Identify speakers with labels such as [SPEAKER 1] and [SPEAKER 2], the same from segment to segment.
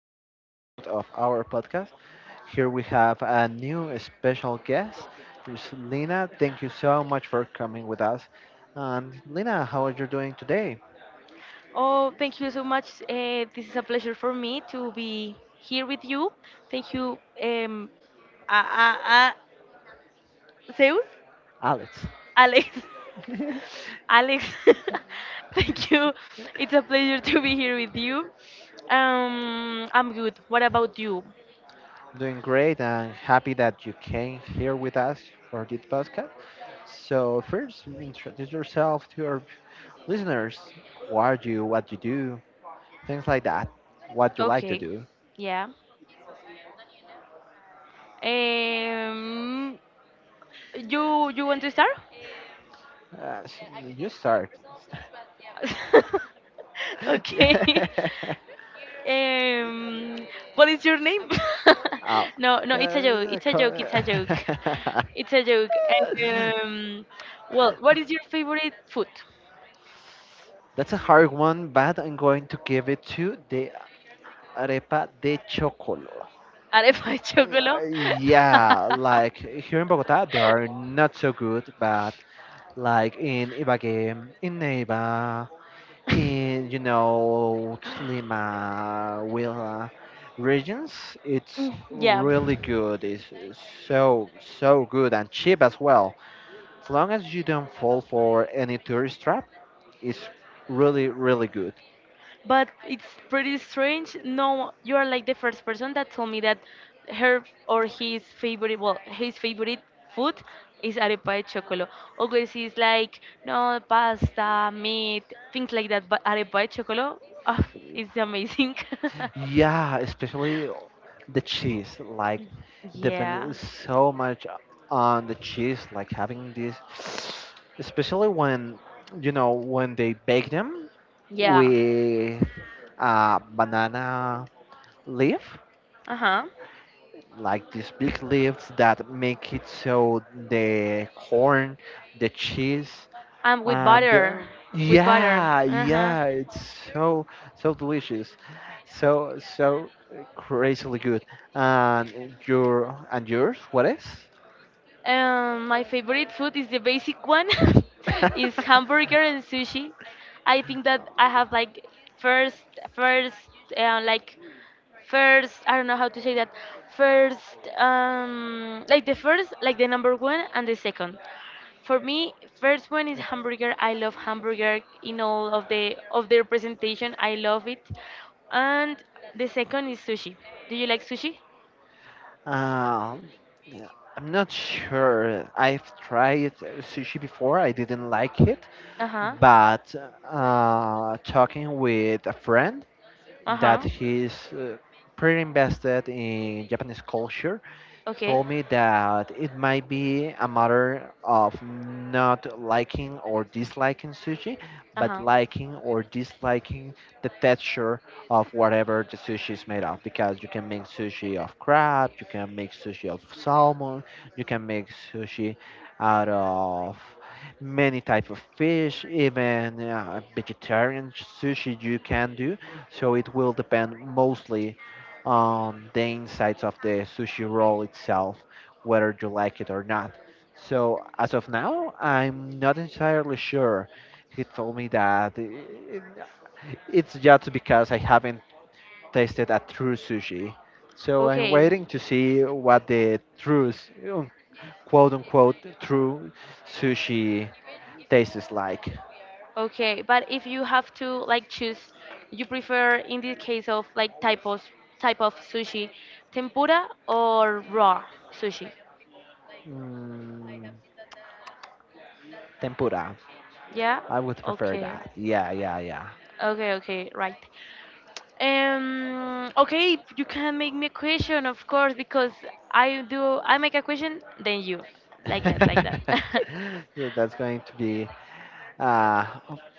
[SPEAKER 1] new episode of our podcast. Here we have a new special guest, Miss Lina. Thank you so much for coming with us. And Lina, how are you doing today?
[SPEAKER 2] Oh, thank you so much. This is a pleasure for me to be here with you. Thank you, a, a, a, Zeus,
[SPEAKER 1] Alex,
[SPEAKER 2] Alex, Alex. Thank you. It's a pleasure to be here with you. I'm good. What about you?
[SPEAKER 1] doing great and happy that you came here with us for this podcast. So, first, introduce yourself to your listeners. Who are you? What you do? Things like that. What you like to
[SPEAKER 2] Okay.
[SPEAKER 1] do.
[SPEAKER 2] Yeah. Um, you want to start?
[SPEAKER 1] Uh, s- you start.
[SPEAKER 2] Okay. Um, uh, what is your name? Your name.
[SPEAKER 1] I'll,
[SPEAKER 2] No, no, it's a joke.
[SPEAKER 1] uh,
[SPEAKER 2] It's a joke.
[SPEAKER 1] co-
[SPEAKER 2] It's a joke. It's a joke. Um, well, what is your favorite food?
[SPEAKER 1] That's a hard one, but I'm going to give it to the arepa de chocolate.
[SPEAKER 2] Arepa de chocolo.
[SPEAKER 1] Yeah, like here in Bogota, they are not so good, but like in Ibagué, in Neiva, in you know Lima, Huila regions, it's
[SPEAKER 2] Yeah.
[SPEAKER 1] really good. It's so so good and cheap as well. As long as you don't fall for any tourist trap, it's really, really good.
[SPEAKER 2] But it's pretty strange. No, you are like the first person that told me that her or his favorite, well, his favorite food is arepa de chocolo. Always he's like, no, pasta, meat, things like that. But arepa de chocolo, oh, it's amazing.
[SPEAKER 1] Yeah, especially the cheese. Like,
[SPEAKER 2] Yeah.
[SPEAKER 1] depends so much on the cheese. Like having this, especially when you know when they bake them
[SPEAKER 2] Yeah.
[SPEAKER 1] with banana leaf,
[SPEAKER 2] Uh huh.
[SPEAKER 1] like these big leaves that make it so the corn, the cheese,
[SPEAKER 2] And with
[SPEAKER 1] and
[SPEAKER 2] butter. With butter.
[SPEAKER 1] yeah,
[SPEAKER 2] Uh huh.
[SPEAKER 1] yeah, it's so so delicious, so so crazily good. And your and yours, what is?
[SPEAKER 2] My favorite food is the basic one, is hamburger and sushi. I think that I have like first, first, like first. I don't know how to say that. First, like the first, like the number one and the second. For me, first one is hamburger. I love hamburger in all of their presentation. I love it, and the second is sushi. Do you like sushi?
[SPEAKER 1] Um, yeah, I'm not sure. I've tried sushi before. I didn't like it,
[SPEAKER 2] Uh huh.
[SPEAKER 1] but talking with a friend
[SPEAKER 2] Uh
[SPEAKER 1] that
[SPEAKER 2] huh.
[SPEAKER 1] he's pretty invested in Japanese culture,
[SPEAKER 2] Okay.
[SPEAKER 1] told me that it might be a matter of not liking or disliking sushi,
[SPEAKER 2] Uh
[SPEAKER 1] but
[SPEAKER 2] huh.
[SPEAKER 1] liking or disliking the texture of whatever the sushi is made of. Because you can make sushi of crab, you can make sushi of salmon, you can make sushi out of many type of fish even vegetarian sushi you can do so it will depend mostly on the insides of the sushi roll itself, whether you like it or not. So as of now, I'm not entirely sure. He told me that it's just because I haven't tasted a true sushi. So I'm
[SPEAKER 2] Okay.
[SPEAKER 1] waiting to see what the quote unquote, true sushi tastes like.
[SPEAKER 2] Okay. But if you have to like choose, you prefer in the case of like type of sushi, tempura or raw sushi?
[SPEAKER 1] Mm, tempura.
[SPEAKER 2] Yeah.
[SPEAKER 1] I would prefer
[SPEAKER 2] Okay.
[SPEAKER 1] that. Yeah, yeah, yeah.
[SPEAKER 2] Okay, okay, right. Okay, you can make me a question, of course, because I do. I make a question, then you, like that, like that.
[SPEAKER 1] So that's going to be uh,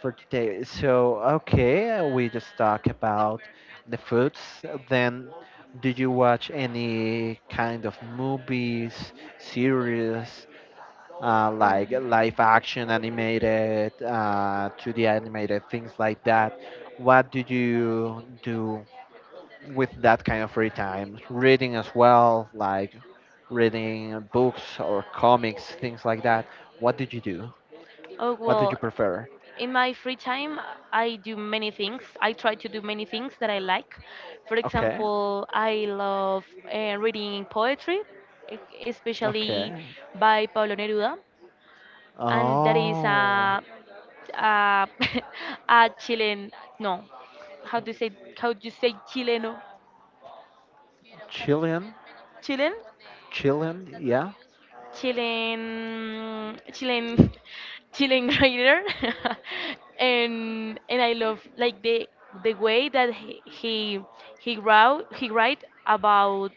[SPEAKER 1] for today. So, okay, we just talk about the foods. Then, do you watch any kind of movies, series, like
[SPEAKER 2] um,
[SPEAKER 1] live action animated, 2D animated, things like that? What do you do with that kind of free time? Reading as well, like reading books or comics, things like that. What did you do?
[SPEAKER 2] oh
[SPEAKER 1] What did you
[SPEAKER 2] well,
[SPEAKER 1] prefer?
[SPEAKER 2] in my free time, I do many things. I try to do many things that I like. For
[SPEAKER 1] Okay,
[SPEAKER 2] example, I love reading poetry,
[SPEAKER 1] okay.
[SPEAKER 2] especially by Pablo Neruda. And there is
[SPEAKER 1] Oh,
[SPEAKER 2] a a, a Chilean, no, how do you say, how do you say Chileno,
[SPEAKER 1] Chilean,
[SPEAKER 2] Chilean,
[SPEAKER 1] Chilean, yeah,
[SPEAKER 2] Chilean Chilean writer. And I love, like, the way that he wrote, he write about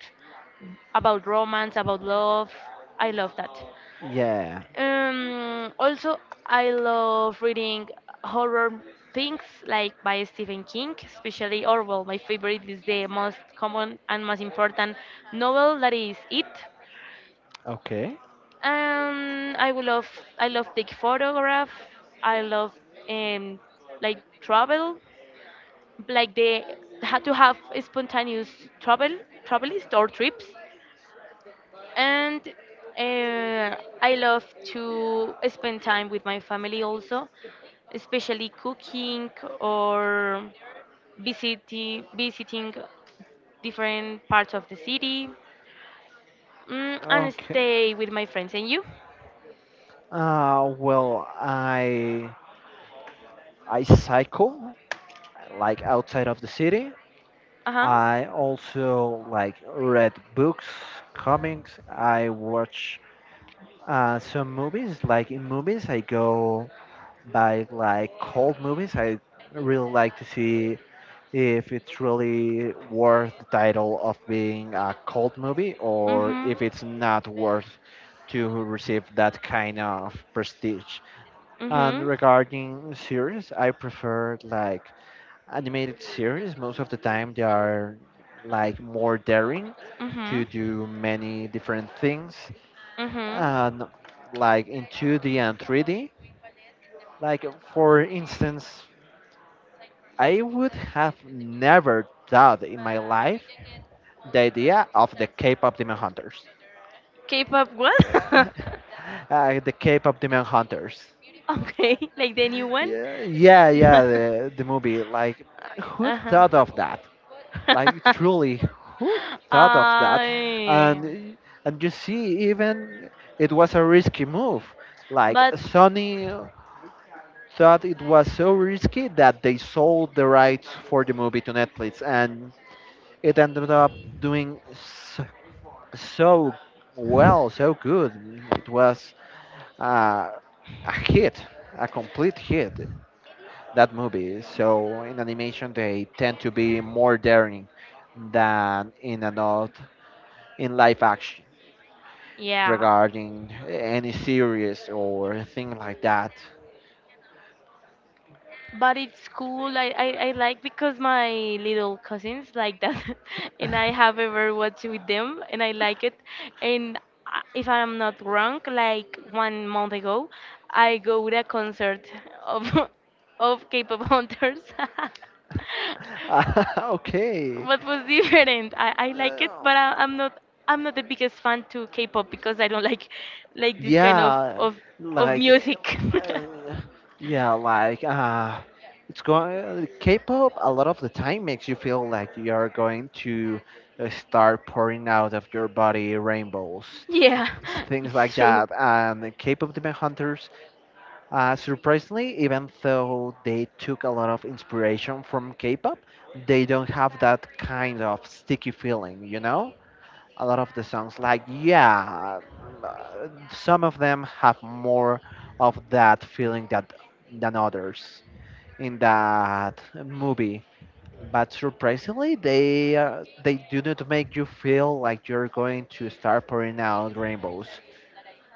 [SPEAKER 2] about romance, about love. I love that.
[SPEAKER 1] yeah.
[SPEAKER 2] Also, I love reading horror things like by Stephen King, especially Orwell. My favorite is the most common and most important novel that is It.
[SPEAKER 1] Okay,
[SPEAKER 2] Um, I will love I love take photograph. I love um like travel, like the how to have spontaneous travel, travelist or trips. And uh, I love to spend time with my family also, especially cooking or visiting different parts of the city, and
[SPEAKER 1] okay.
[SPEAKER 2] stay with my friends. And you?
[SPEAKER 1] Well, I cycle like outside of the city.
[SPEAKER 2] Uh huh.
[SPEAKER 1] I also like read books, comics. I watch some movies. Like in movies, I go by like cold movies. I really like to see if it's really worth the title of being a cult movie or
[SPEAKER 2] Mhm.
[SPEAKER 1] if it's not worth to receive that kind of prestige. And
[SPEAKER 2] Mhm.
[SPEAKER 1] regarding series, I prefer like animated series. Most of the time they are like more daring
[SPEAKER 2] Mhm.
[SPEAKER 1] to do many different things
[SPEAKER 2] Mhm.
[SPEAKER 1] and like in 2D and 3D. Like for instance, I would have never thought in my life the idea of the K-pop Demon Hunters.
[SPEAKER 2] K-pop what?
[SPEAKER 1] Yeah. The K-pop Demon Hunters.
[SPEAKER 2] Okay, like the new one.
[SPEAKER 1] Yeah, yeah, yeah, the movie. Like, who
[SPEAKER 2] Uh-huh.
[SPEAKER 1] thought of that? Like, truly, who thought of that?
[SPEAKER 2] I,
[SPEAKER 1] And and you see, even it was a risky move. Like,
[SPEAKER 2] but
[SPEAKER 1] Sony thought it was so risky that they sold the rights for the movie to Netflix, and it ended up doing so, so well, so good. It was uh, a hit, a complete hit, that movie. So in animation, they tend to be more daring than in adult, in live action
[SPEAKER 2] yeah,
[SPEAKER 1] regarding any series or thing like that.
[SPEAKER 2] but it's cool. I like because my little cousins like that, and I have ever watched with them, and I like it. And if I'm not wrong, like one month ago, I go to a concert of of K-pop hunters.
[SPEAKER 1] Okay.
[SPEAKER 2] What was different, I like it,
[SPEAKER 1] Uh,
[SPEAKER 2] but I'm not the biggest fan to k-pop, because I don't like this kind of
[SPEAKER 1] Yeah,
[SPEAKER 2] of, of
[SPEAKER 1] like,
[SPEAKER 2] music.
[SPEAKER 1] uh, yeah, like, uh, it's going, K-pop a lot of the time makes you feel like you're going to start pouring out of your body rainbows,
[SPEAKER 2] Yeah,
[SPEAKER 1] things like
[SPEAKER 2] it's true.
[SPEAKER 1] that. And the K-pop Demon Hunters, surprisingly, even though they took a lot of inspiration from K-pop, they don't have that kind of sticky feeling, you know? A lot of the songs like yeah some of them have more of that feeling that than others in that movie but surprisingly they do not make you feel like you're going to start pouring out rainbows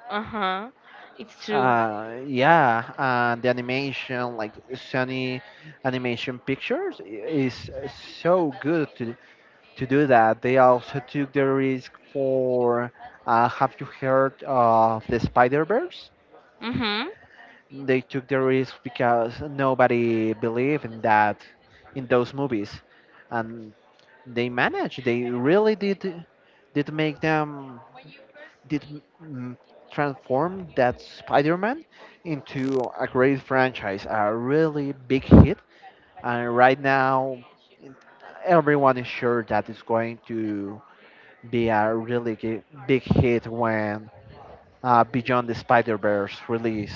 [SPEAKER 2] Uh-huh. It's true.
[SPEAKER 1] yeah the animation like sony animation pictures is so good to do that. They also took the risk for. Have you heard of the Spider Verse?
[SPEAKER 2] Mm-hmm.
[SPEAKER 1] They took the risk because nobody believed in that, in those movies, and they managed. They really did make them did mm, transform that Spider-Man into a great franchise, a really big hit, and right now everyone is sure that it's going to be a really gi- big hit when Beyond the Spider Verse release,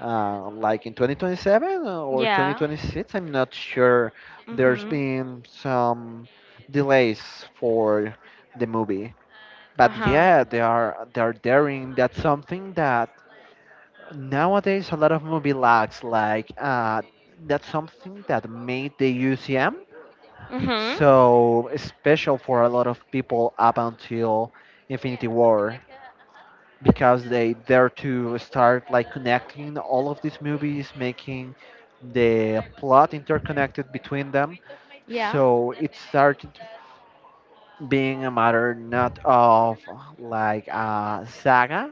[SPEAKER 1] like in 2027 or
[SPEAKER 2] Yeah.
[SPEAKER 1] 2026. I'm not sure. There's
[SPEAKER 2] Mm-hmm.
[SPEAKER 1] been some delays for the movie, but
[SPEAKER 2] Uh-huh.
[SPEAKER 1] yeah, they are daring. That's something that nowadays a lot of movie lacks. Like that's something that made the UCM
[SPEAKER 2] Mm-hmm.
[SPEAKER 1] so special for a lot of people up until Infinity War because they dare to start like connecting all of these movies, making the plot interconnected between them. So it started being a matter not of like a
[SPEAKER 2] Yeah.
[SPEAKER 1] saga,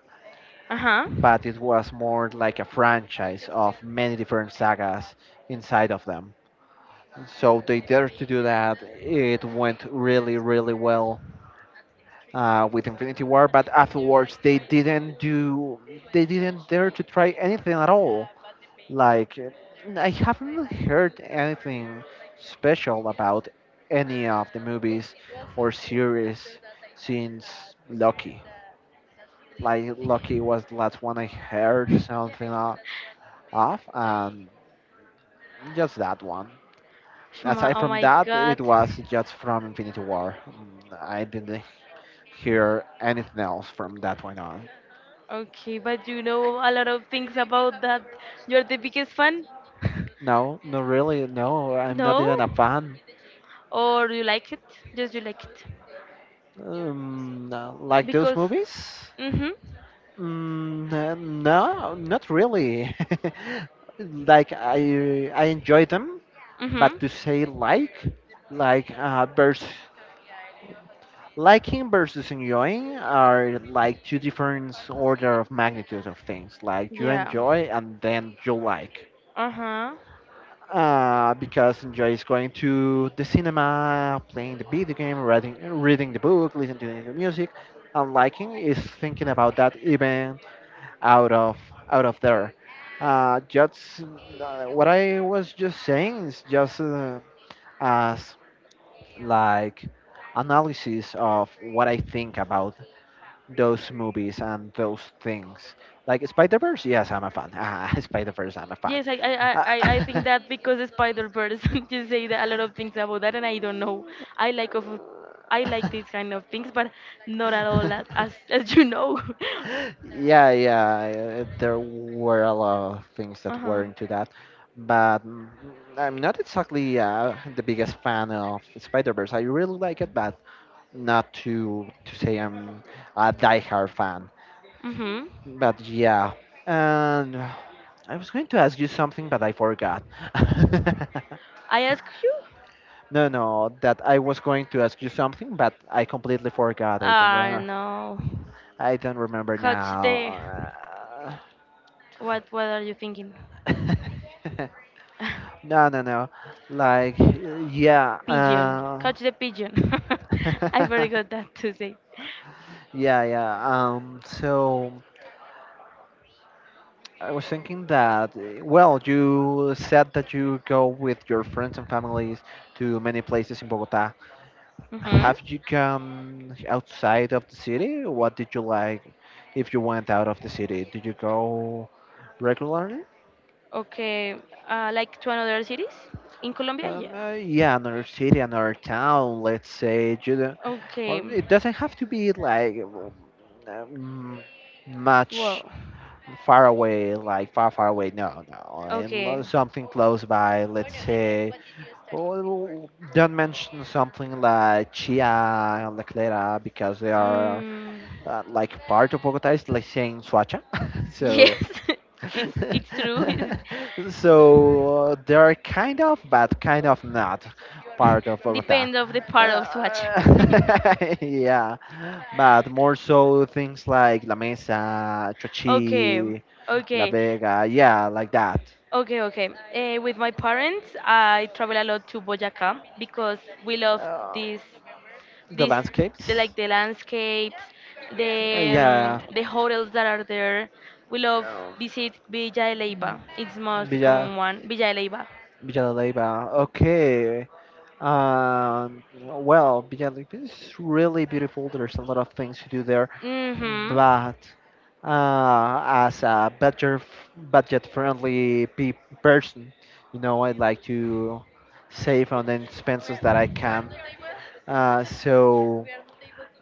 [SPEAKER 2] Uh huh.
[SPEAKER 1] but it was more like a franchise of many different sagas inside of them. So they dared to do that. It went really, really well with Infinity War, but afterwards they didn't dare to try anything at all. Like, I haven't heard anything special about any of the movies or series since Loki. Like, Loki was the last one I heard something of, and just that one. Aside
[SPEAKER 2] Oh
[SPEAKER 1] from
[SPEAKER 2] my
[SPEAKER 1] that,
[SPEAKER 2] God.
[SPEAKER 1] it was just from Infinity War. I didn't hear anything else from that point on.
[SPEAKER 2] Okay, but you know a lot of things about that. You're the biggest fan?
[SPEAKER 1] No, not really. No, I'm not
[SPEAKER 2] No?
[SPEAKER 1] even a fan.
[SPEAKER 2] Or you like it? Just you like it.
[SPEAKER 1] No, like those
[SPEAKER 2] Because.
[SPEAKER 1] movies?
[SPEAKER 2] Mm hmm.
[SPEAKER 1] No, not really. Like I enjoy them,
[SPEAKER 2] Mm
[SPEAKER 1] but
[SPEAKER 2] hmm.
[SPEAKER 1] to say like vers liking versus enjoying are like two different order of magnitudes of things. Like you
[SPEAKER 2] Yeah.
[SPEAKER 1] enjoy and then you like.
[SPEAKER 2] Uh huh.
[SPEAKER 1] Because enjoys going to the cinema, playing the video game, reading the book, listening to the music, and liking is thinking about that even out of out of there. Just what I was just saying is just as like analysis of what I think about those movies and those things. Like Spider Verse, yes, I'm a fan. Ah, Spider Verse, I'm a fan.
[SPEAKER 2] Yes, I
[SPEAKER 1] Uh,
[SPEAKER 2] think that because the spider person, you say that a lot of things about that, and I don't know. I like of, I like these kind of things, but not at all as as, as you know.
[SPEAKER 1] yeah, yeah. There were a lot of things
[SPEAKER 2] Uh
[SPEAKER 1] that were
[SPEAKER 2] huh.
[SPEAKER 1] into that, but I'm not exactly the biggest fan of Spider Verse. I really like it, but not to to say I'm a diehard fan.
[SPEAKER 2] Mhm.
[SPEAKER 1] But yeah, and I was going to ask you something, but I forgot.
[SPEAKER 2] I ask you?
[SPEAKER 1] No, no, that I was going to ask you something, but I completely forgot. I don't.
[SPEAKER 2] Ah, no.
[SPEAKER 1] I don't remember
[SPEAKER 2] Catch the.
[SPEAKER 1] now.
[SPEAKER 2] What are you thinking?
[SPEAKER 1] Uh, no, no, no. Like, yeah.
[SPEAKER 2] Pigeon. Catch the pigeon. I forgot that to say.
[SPEAKER 1] Yeah, yeah. So I was thinking that, well, you said that you go with your friends and families to many places in Bogota.
[SPEAKER 2] Mm-hmm.
[SPEAKER 1] Have you gone outside of the city? What did you like if you went out of the city? Did you go regularly?
[SPEAKER 2] Okay. Like to another cities in Colombia? Yeah.
[SPEAKER 1] Yeah, another city, another town, let's say. You know,
[SPEAKER 2] Okay.
[SPEAKER 1] well, it doesn't have to be like um, um, much
[SPEAKER 2] Well.
[SPEAKER 1] far away, like far, far away. No, no.
[SPEAKER 2] Okay.
[SPEAKER 1] Something close by, let's say. Well, don't mention something like Chia and La Clara because they are
[SPEAKER 2] Mm,
[SPEAKER 1] like part of Bogota, it's like saying Suacha.
[SPEAKER 2] yes.
[SPEAKER 1] So
[SPEAKER 2] It's true.
[SPEAKER 1] so they're kind of, but kind of not part of Bogota.
[SPEAKER 2] Depends of the part of Swatch.
[SPEAKER 1] Yeah, but more so things like La Mesa,
[SPEAKER 2] Okay.
[SPEAKER 1] Chochi, La
[SPEAKER 2] Okay.
[SPEAKER 1] Vega, yeah, like that.
[SPEAKER 2] Okay, okay. With my parents, I travel a lot to Boyacá because we love
[SPEAKER 1] Uh,
[SPEAKER 2] this,
[SPEAKER 1] the
[SPEAKER 2] this,
[SPEAKER 1] landscapes,
[SPEAKER 2] like the landscapes,
[SPEAKER 1] yeah,
[SPEAKER 2] the hotels that are there. We love
[SPEAKER 1] um,
[SPEAKER 2] visit Villa de Leyva. It's most the
[SPEAKER 1] Villa
[SPEAKER 2] common one, Villa de Leyva.
[SPEAKER 1] Villa de Leyva. Okay, well, Villa de Leyva is really beautiful. There's a lot of things to do there.
[SPEAKER 2] Mm-hmm.
[SPEAKER 1] But as a budget person, you know, I like to save on the expenses that I can. Uh, so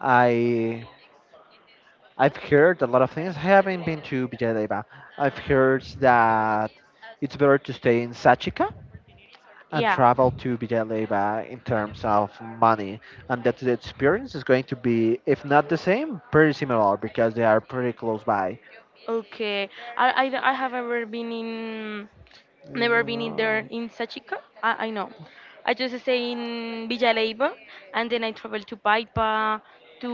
[SPEAKER 1] I I've heard a lot of things. I haven't been to Villadeva. I've heard that it's better to stay in Sachika and
[SPEAKER 2] Yeah.
[SPEAKER 1] travel to Villalba in terms of money, and that the experience is going to be, if not the same, pretty similar because they are pretty close by.
[SPEAKER 2] Okay, I have ever been in, never been in there
[SPEAKER 1] Yeah.
[SPEAKER 2] in Sachica. I know. I just stay in Villa Leiva, and then I travel to Paipa, to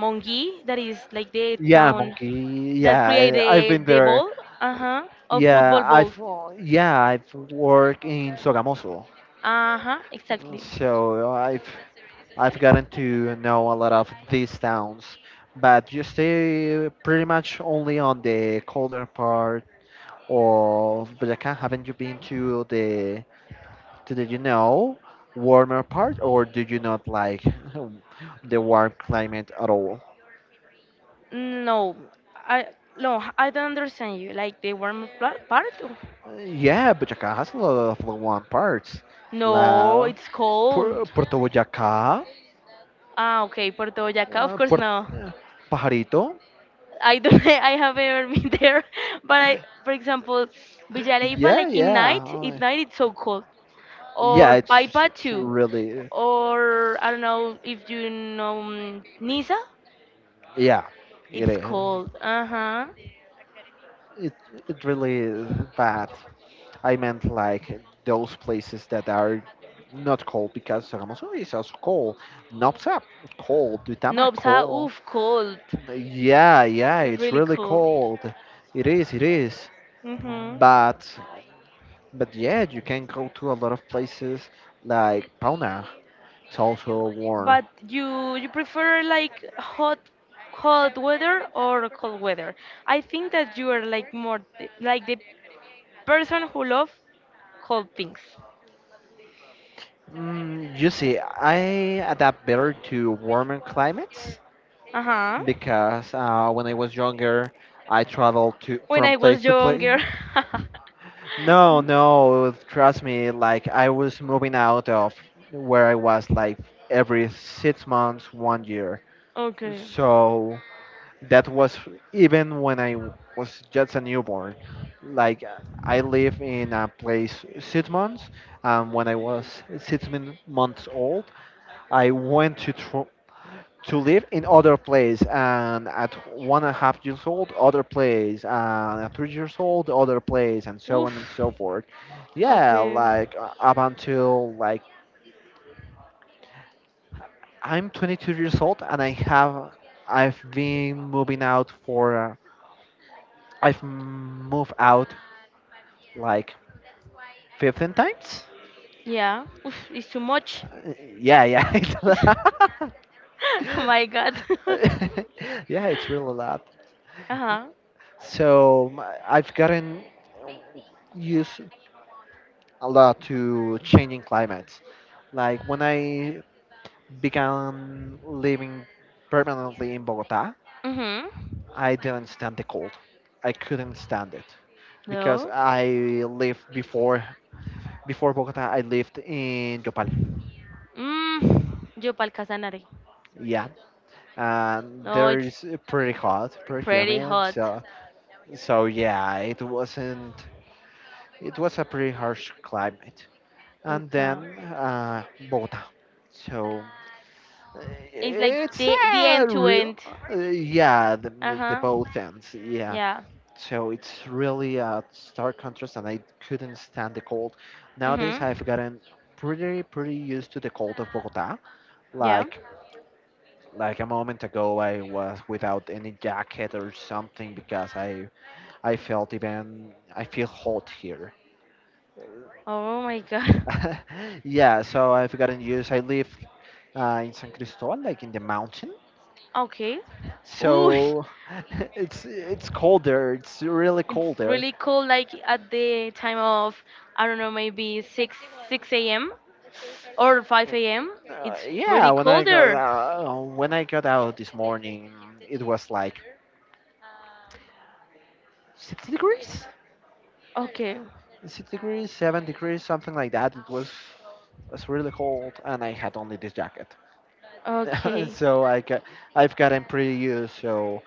[SPEAKER 2] Mongi, that is like the
[SPEAKER 1] Yeah,
[SPEAKER 2] town
[SPEAKER 1] monkey.
[SPEAKER 2] that
[SPEAKER 1] Yeah, I've been
[SPEAKER 2] created the
[SPEAKER 1] there.
[SPEAKER 2] ball, uh-huh, of football
[SPEAKER 1] Yeah,
[SPEAKER 2] balls.
[SPEAKER 1] I've yeah, I've worked in Sogamoso,
[SPEAKER 2] Uh-huh, exactly.
[SPEAKER 1] so I've gotten to know a lot of these towns. But you stay pretty much only on the colder part of Boyacá. Haven't you been to the you know warmer part, or do you not like the warm climate at all?
[SPEAKER 2] No, I no, I don't understand you. Like the warm part?
[SPEAKER 1] Yeah, but Boyacá has a lot of one parts.
[SPEAKER 2] No,
[SPEAKER 1] La
[SPEAKER 2] it's cold.
[SPEAKER 1] Puerto Boyacá,
[SPEAKER 2] Ah, okay, Puerto Boyaca, of course
[SPEAKER 1] Puerto
[SPEAKER 2] no.
[SPEAKER 1] Pajarito.
[SPEAKER 2] I don't, I have ever been there, but I, for example, Villalaiba,
[SPEAKER 1] Yeah,
[SPEAKER 2] like in
[SPEAKER 1] yeah,
[SPEAKER 2] night, at
[SPEAKER 1] uh,
[SPEAKER 2] night it's so cold,
[SPEAKER 1] yeah.
[SPEAKER 2] or
[SPEAKER 1] It's, it's
[SPEAKER 2] Paipa
[SPEAKER 1] it's
[SPEAKER 2] too,
[SPEAKER 1] really
[SPEAKER 2] or I don't know if you know, Niza,
[SPEAKER 1] yeah. It
[SPEAKER 2] it's
[SPEAKER 1] is.
[SPEAKER 2] cold. Uh huh.
[SPEAKER 1] It it really is bad. I meant like those places that are not cold, because Sogamoso is also cold. Nopsa cold. Duitama
[SPEAKER 2] Nobsa,
[SPEAKER 1] cold.
[SPEAKER 2] oof, cold,
[SPEAKER 1] Yeah, yeah. It's
[SPEAKER 2] really
[SPEAKER 1] really
[SPEAKER 2] cold.
[SPEAKER 1] cold. It is. It is.
[SPEAKER 2] Mhm.
[SPEAKER 1] But But yeah, you can go to a lot of places like Pauna. It's also warm.
[SPEAKER 2] But you prefer like hot weather or cold weather? I think that you are like more like the person who love cold things.
[SPEAKER 1] You see, I adapt better to warmer climates
[SPEAKER 2] Uh-huh.
[SPEAKER 1] because when I was younger, I traveled to
[SPEAKER 2] When
[SPEAKER 1] from
[SPEAKER 2] I
[SPEAKER 1] place
[SPEAKER 2] was
[SPEAKER 1] to place.
[SPEAKER 2] younger.
[SPEAKER 1] No, no, trust me. Like, I was moving out of where I was like every 6 months, 1 year.
[SPEAKER 2] Okay.
[SPEAKER 1] So that was even when I was just a newborn. Like, I live in a place 6 months, and when I was months old, I went to live in other place, and at one and a half years old, other place, and at 3 years old, other place, and so on and
[SPEAKER 2] Oof.
[SPEAKER 1] so forth. Yeah,
[SPEAKER 2] Okay.
[SPEAKER 1] like up until like I'm 22 years old, and I've been moving out for. I've moved out like 15 times.
[SPEAKER 2] Yeah. Oof, it's too much.
[SPEAKER 1] Uh, Yeah, yeah, it's a lot.
[SPEAKER 2] My God.
[SPEAKER 1] Yeah, it's really a lot.
[SPEAKER 2] Uh-huh.
[SPEAKER 1] So I've gotten used a lot to changing climates. Like when I began living permanently in Bogota,
[SPEAKER 2] Mhm.
[SPEAKER 1] I didn't stand the cold. I couldn't stand it because
[SPEAKER 2] No.
[SPEAKER 1] I lived before Bogota. I lived in Yopal.
[SPEAKER 2] Mm. Yo pa'l Casanare.
[SPEAKER 1] Yeah, and
[SPEAKER 2] No,
[SPEAKER 1] there
[SPEAKER 2] it's
[SPEAKER 1] is pretty hot, pretty
[SPEAKER 2] pretty
[SPEAKER 1] humid.
[SPEAKER 2] hot.
[SPEAKER 1] So, so yeah, it wasn't. It was a pretty harsh climate. And
[SPEAKER 2] Okay.
[SPEAKER 1] then Bogota. So uh,
[SPEAKER 2] It's like
[SPEAKER 1] it's
[SPEAKER 2] the
[SPEAKER 1] a
[SPEAKER 2] end to
[SPEAKER 1] real,
[SPEAKER 2] end.
[SPEAKER 1] yeah,
[SPEAKER 2] Uh
[SPEAKER 1] the
[SPEAKER 2] huh.
[SPEAKER 1] both ends, yeah.
[SPEAKER 2] Yeah.
[SPEAKER 1] So it's really a stark contrast, and I couldn't stand the cold. Nowadays, I've
[SPEAKER 2] Mhm.
[SPEAKER 1] gotten pretty, pretty used to the cold of Bogota.
[SPEAKER 2] Yeah.
[SPEAKER 1] Like Like a moment ago, I was without any jacket or something because I felt even I feel hot here.
[SPEAKER 2] Oh my God.
[SPEAKER 1] Yeah, so I've gotten used. I live in San Cristobal, like in the mountain.
[SPEAKER 2] Okay. Ooh.
[SPEAKER 1] So it's cold there. It's really
[SPEAKER 2] It's
[SPEAKER 1] cold there.
[SPEAKER 2] really cold. Like at the time of, I don't know, maybe six a.m. or five a.m. It's
[SPEAKER 1] Yeah,
[SPEAKER 2] pretty colder.
[SPEAKER 1] when I got out this morning, it was like 6 degrees,
[SPEAKER 2] Okay,
[SPEAKER 1] 6 degrees, 7 degrees, something like that. It's really cold, and I had only this jacket,
[SPEAKER 2] okay,
[SPEAKER 1] so I've gotten pretty used. So,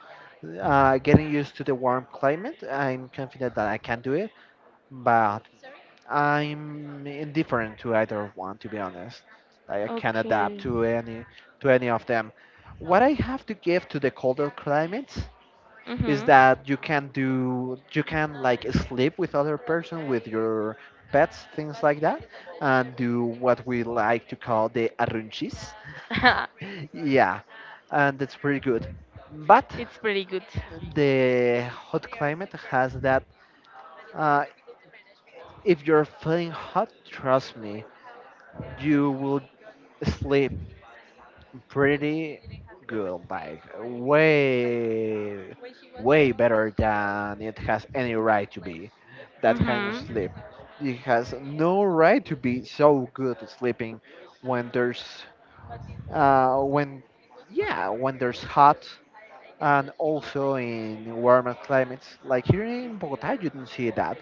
[SPEAKER 1] getting used to the warm climate, I'm confident that I can do it, but I'm indifferent to either one, to be honest. Like, I can adapt
[SPEAKER 2] okay.
[SPEAKER 1] to any of them. What I have to give to the colder climates is
[SPEAKER 2] Mm-hmm.
[SPEAKER 1] that you can like sleep with other person with your pets, things like that, and do what we like to call the arrunchis. Yeah, and it's pretty good, but
[SPEAKER 2] It's pretty good.
[SPEAKER 1] the hot climate has that uh, if you're feeling hot, trust me, you will sleep pretty good, like way, way better than it has any right to be. That kind of sleep.
[SPEAKER 2] Mm-hmm.
[SPEAKER 1] It has no right to be so good at sleeping when uh, when, yeah, when there's hot. And also in warmer climates, like here in Bogota, you don't see that,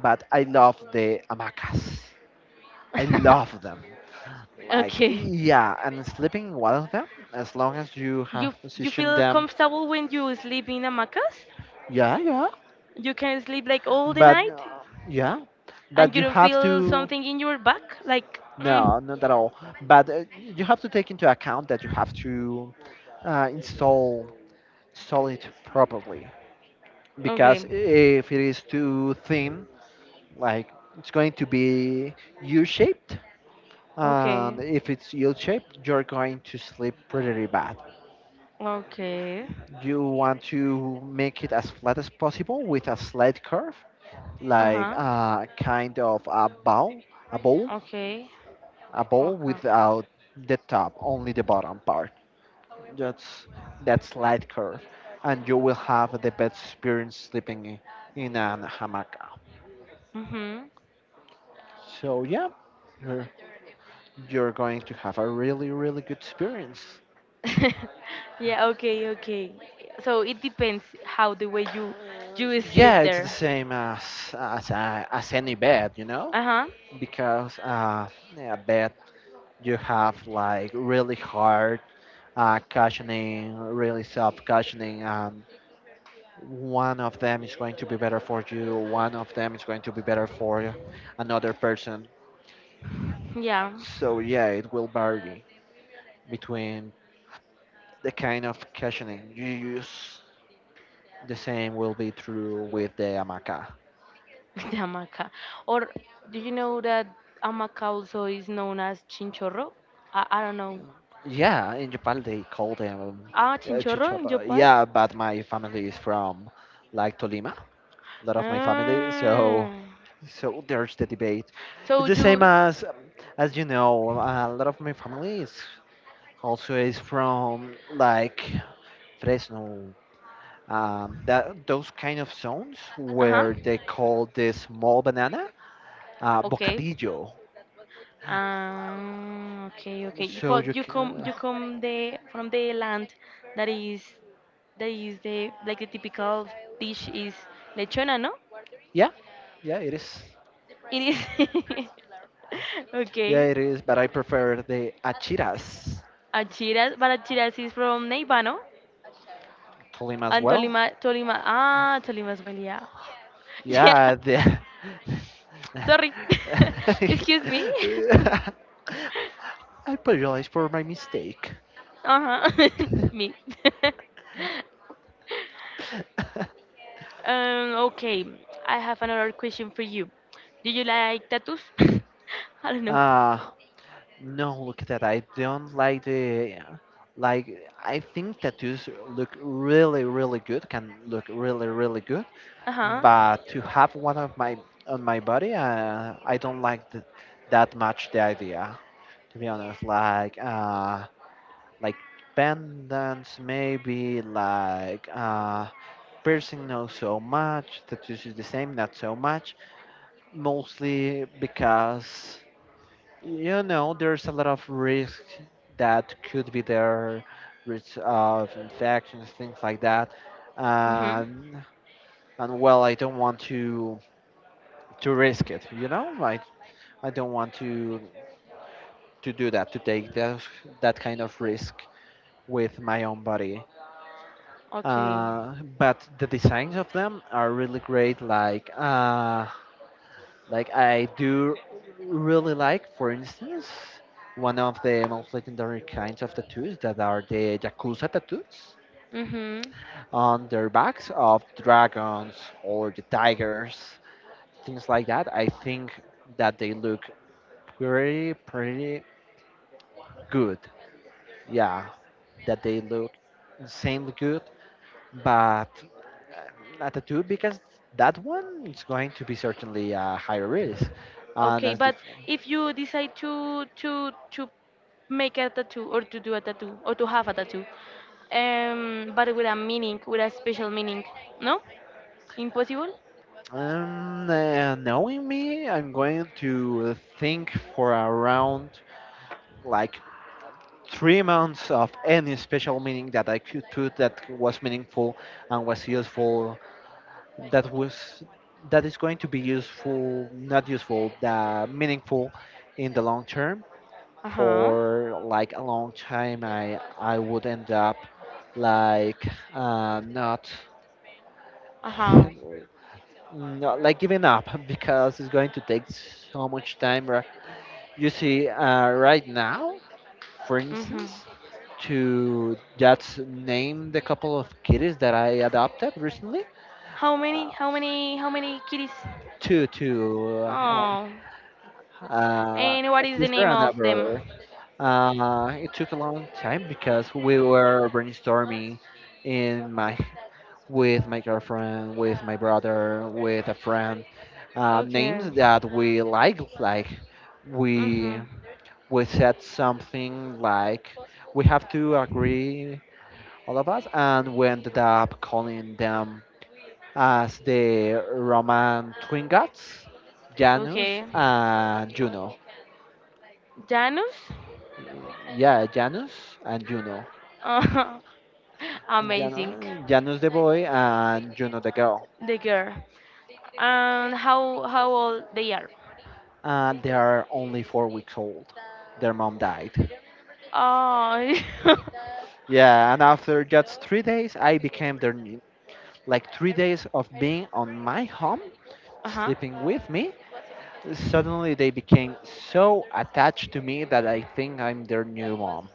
[SPEAKER 1] but I love the hamacas. I love them. Like,
[SPEAKER 2] Okay.
[SPEAKER 1] yeah, and sleeping in one of them, as long as you
[SPEAKER 2] You
[SPEAKER 1] have
[SPEAKER 2] f- you
[SPEAKER 1] positioned
[SPEAKER 2] feel
[SPEAKER 1] them,
[SPEAKER 2] comfortable when you sleep in hamacas?
[SPEAKER 1] yeah,
[SPEAKER 2] You can sleep like all the
[SPEAKER 1] but
[SPEAKER 2] night,
[SPEAKER 1] uh, yeah,
[SPEAKER 2] and
[SPEAKER 1] but
[SPEAKER 2] you don't feel something in your back, like.
[SPEAKER 1] no, not at all. But you have to take into account that you have to uh, install install it properly,
[SPEAKER 2] Okay.
[SPEAKER 1] because if it is too thin, like, it's going to be U-shaped, and
[SPEAKER 2] Okay.
[SPEAKER 1] if it's U-shaped, you're going to sleep pretty bad.
[SPEAKER 2] Okay.
[SPEAKER 1] You want to make it as flat as possible with a slight curve,
[SPEAKER 2] Uh
[SPEAKER 1] like
[SPEAKER 2] huh.
[SPEAKER 1] a kind of a bowl,
[SPEAKER 2] Okay.
[SPEAKER 1] a bowl
[SPEAKER 2] Okay.
[SPEAKER 1] without the top, only the bottom part. That's that slight curve, and you will have the best experience sleeping in an hammock.
[SPEAKER 2] Mhm.
[SPEAKER 1] So yeah, you're you're going to have a really really good experience.
[SPEAKER 2] Yeah. Okay. Okay. So it depends how the way you sleep
[SPEAKER 1] Yeah, it's the
[SPEAKER 2] there.
[SPEAKER 1] same as as any bed, you know,
[SPEAKER 2] Uh huh.
[SPEAKER 1] because yeah, a bed, you have like really hard cushioning, really soft cushioning, and one of them is going to be better for you, one of them is going to be better for another person.
[SPEAKER 2] Yeah.
[SPEAKER 1] So yeah, it will vary between the kind of cushioning you use. The same will be true with the hamaca.
[SPEAKER 2] With the hamaca. Or do you know that hamaca also is known as chinchorro? I don't know.
[SPEAKER 1] Yeah, in Japan they call them
[SPEAKER 2] Ah, chinchorro in
[SPEAKER 1] chicharra.
[SPEAKER 2] Japan.
[SPEAKER 1] Yeah, but my family is from like Tolima, a lot of my family, so
[SPEAKER 2] Ah.
[SPEAKER 1] There's the debate.
[SPEAKER 2] So
[SPEAKER 1] It's the same
[SPEAKER 2] you,
[SPEAKER 1] as you know, a lot of my family is also is from like Fresno, that those kind of zones
[SPEAKER 2] uh huh,
[SPEAKER 1] where they call this small banana
[SPEAKER 2] okay,
[SPEAKER 1] bocadillo.
[SPEAKER 2] okay, okay.
[SPEAKER 1] So you
[SPEAKER 2] But you come,
[SPEAKER 1] can,
[SPEAKER 2] you come the from the land that is, that is the, like, the typical dish is lechona, no?
[SPEAKER 1] yeah, yeah, it is,
[SPEAKER 2] It is.
[SPEAKER 1] yeah,
[SPEAKER 2] Okay.
[SPEAKER 1] it is. But I prefer the achiras
[SPEAKER 2] Achiras, but Achiras is from Neiva, no?
[SPEAKER 1] to them as
[SPEAKER 2] And
[SPEAKER 1] well.
[SPEAKER 2] Tolima, Tolima, ah, Tolima as well, yeah. Yeah,
[SPEAKER 1] Yeah, the.
[SPEAKER 2] sorry. Excuse me.
[SPEAKER 1] I apologize for my mistake.
[SPEAKER 2] Uh-huh. Me. Okay, I have another question for you. Do you like tattoos? I don't know.
[SPEAKER 1] Ah, no, look at that. I don't like the like. I think tattoos look really, really good. Can look really, really good.
[SPEAKER 2] Uh huh.
[SPEAKER 1] But to have one of my on my body, I don't like that much the idea. To be honest, like pendants, maybe like piercing, not so much. Tattoos is the same, not so much, mostly because, you know, there's a lot of risk that could be there, risk of infections, things like that,
[SPEAKER 2] Mhm.
[SPEAKER 1] um, and well, I don't want to risk it. You know, I don't want to do that, to take that kind of risk with my own body.
[SPEAKER 2] Okay.
[SPEAKER 1] But the designs of them are really great. Like I do really like, for instance, one of the most legendary kinds of tattoos that are the Yakuza tattoos
[SPEAKER 2] Mhm.
[SPEAKER 1] on their backs of dragons or the tigers, things like that. I think that they look pretty, pretty good. Yeah, that they look insanely good, but a tattoo because that one is going to be certainly a higher risk. And
[SPEAKER 2] Okay,
[SPEAKER 1] as the
[SPEAKER 2] but if you decide to make a tattoo or to do a tattoo or to have a tattoo, but with a meaning, with a special meaning, no? Impossible.
[SPEAKER 1] Knowing me, I'm going to think for around like 3 months of any special meaning that I could put that was meaningful and was useful. That was that is going to be useful, not useful, that meaningful in the long term.
[SPEAKER 2] Uh huh.
[SPEAKER 1] For like a long time, I would end up like not
[SPEAKER 2] Uh huh.
[SPEAKER 1] not like giving up because it's going to take so much time. You see, right now, for
[SPEAKER 2] Mhm.
[SPEAKER 1] instance, to just name the couple of kitties that I adopted recently,
[SPEAKER 2] How many?
[SPEAKER 1] uh,
[SPEAKER 2] How many? How many kitties?
[SPEAKER 1] two, two, uh,
[SPEAKER 2] Oh. And
[SPEAKER 1] a
[SPEAKER 2] what is the
[SPEAKER 1] sister
[SPEAKER 2] name
[SPEAKER 1] and a
[SPEAKER 2] of them?
[SPEAKER 1] brother. It took a long time because we were brainstorming in my with my girlfriend, with my brother, with a friend.
[SPEAKER 2] Okay.
[SPEAKER 1] Names that we like we
[SPEAKER 2] Mhm.
[SPEAKER 1] we said something like we have to agree all of us, and we ended up calling them as the Roman twin gods, Janus
[SPEAKER 2] Okay.
[SPEAKER 1] and Juno.
[SPEAKER 2] Janus?
[SPEAKER 1] Yeah, Janus and Juno.
[SPEAKER 2] Uh, amazing.
[SPEAKER 1] Janus the boy and Juno the girl.
[SPEAKER 2] The girl. And how old they are?
[SPEAKER 1] And they are only 4 weeks old. Their mom died.
[SPEAKER 2] Oh.
[SPEAKER 1] Yeah, and after just 3 days, I became their new- like 3 days of being on my home,
[SPEAKER 2] Uh huh.
[SPEAKER 1] sleeping with me. Suddenly, they became so attached to me that I think I'm their new mom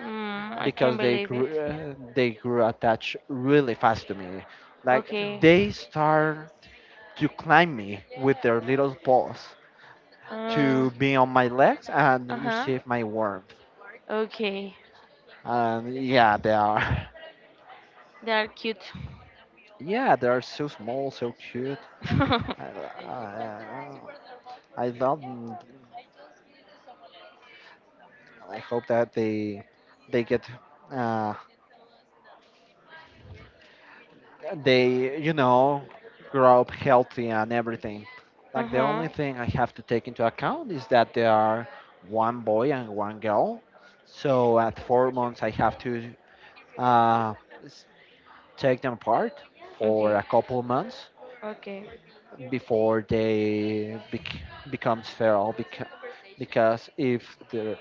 [SPEAKER 2] Mm, I can't
[SPEAKER 1] because
[SPEAKER 2] believe it.
[SPEAKER 1] they grew attached really fast to me. Like
[SPEAKER 2] Okay.
[SPEAKER 1] they start to climb me with their little paws
[SPEAKER 2] Uh
[SPEAKER 1] to be on my legs and
[SPEAKER 2] huh.
[SPEAKER 1] receive my warmth.
[SPEAKER 2] Okay.
[SPEAKER 1] And yeah, they are
[SPEAKER 2] They are cute.
[SPEAKER 1] yeah they are so small, so cute.
[SPEAKER 2] Uh
[SPEAKER 1] I, I, I love. I hope that they get uh, they you know, grow up healthy and everything. Like, the only
[SPEAKER 2] huh.
[SPEAKER 1] thing I have to take into account is that there are one boy and one girl. So at 4 months, I have to uh, s- take them apart for
[SPEAKER 2] Okay.
[SPEAKER 1] a couple months
[SPEAKER 2] Okay.
[SPEAKER 1] before become sterile. Because if they're,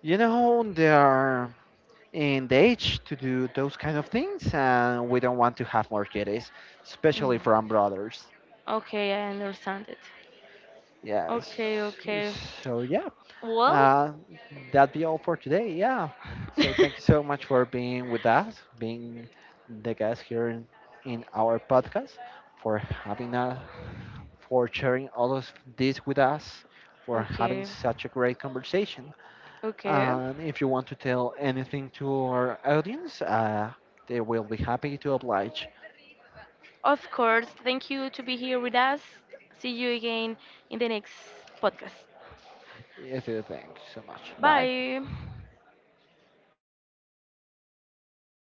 [SPEAKER 1] you know, they are in the age to do those kind of things, and we don't want to have more kids, especially
[SPEAKER 2] Mm.
[SPEAKER 1] from brothers.
[SPEAKER 2] Okay, I understand it.
[SPEAKER 1] Yes.
[SPEAKER 2] Okay, okay.
[SPEAKER 1] So yeah,
[SPEAKER 2] Well,
[SPEAKER 1] uh, that be all for today. Yeah. So thank you so much for being with us, being the guest here in our podcast, for having a, for sharing all of this with us, for having
[SPEAKER 2] okay,
[SPEAKER 1] such a great conversation.
[SPEAKER 2] okay.
[SPEAKER 1] And if you want to tell anything to our audience, they will be happy to oblige.
[SPEAKER 2] Of course, thank you to be here with us. See you again in the next podcast.
[SPEAKER 1] Yes, you thank you so much. Bye.
[SPEAKER 2] Bye.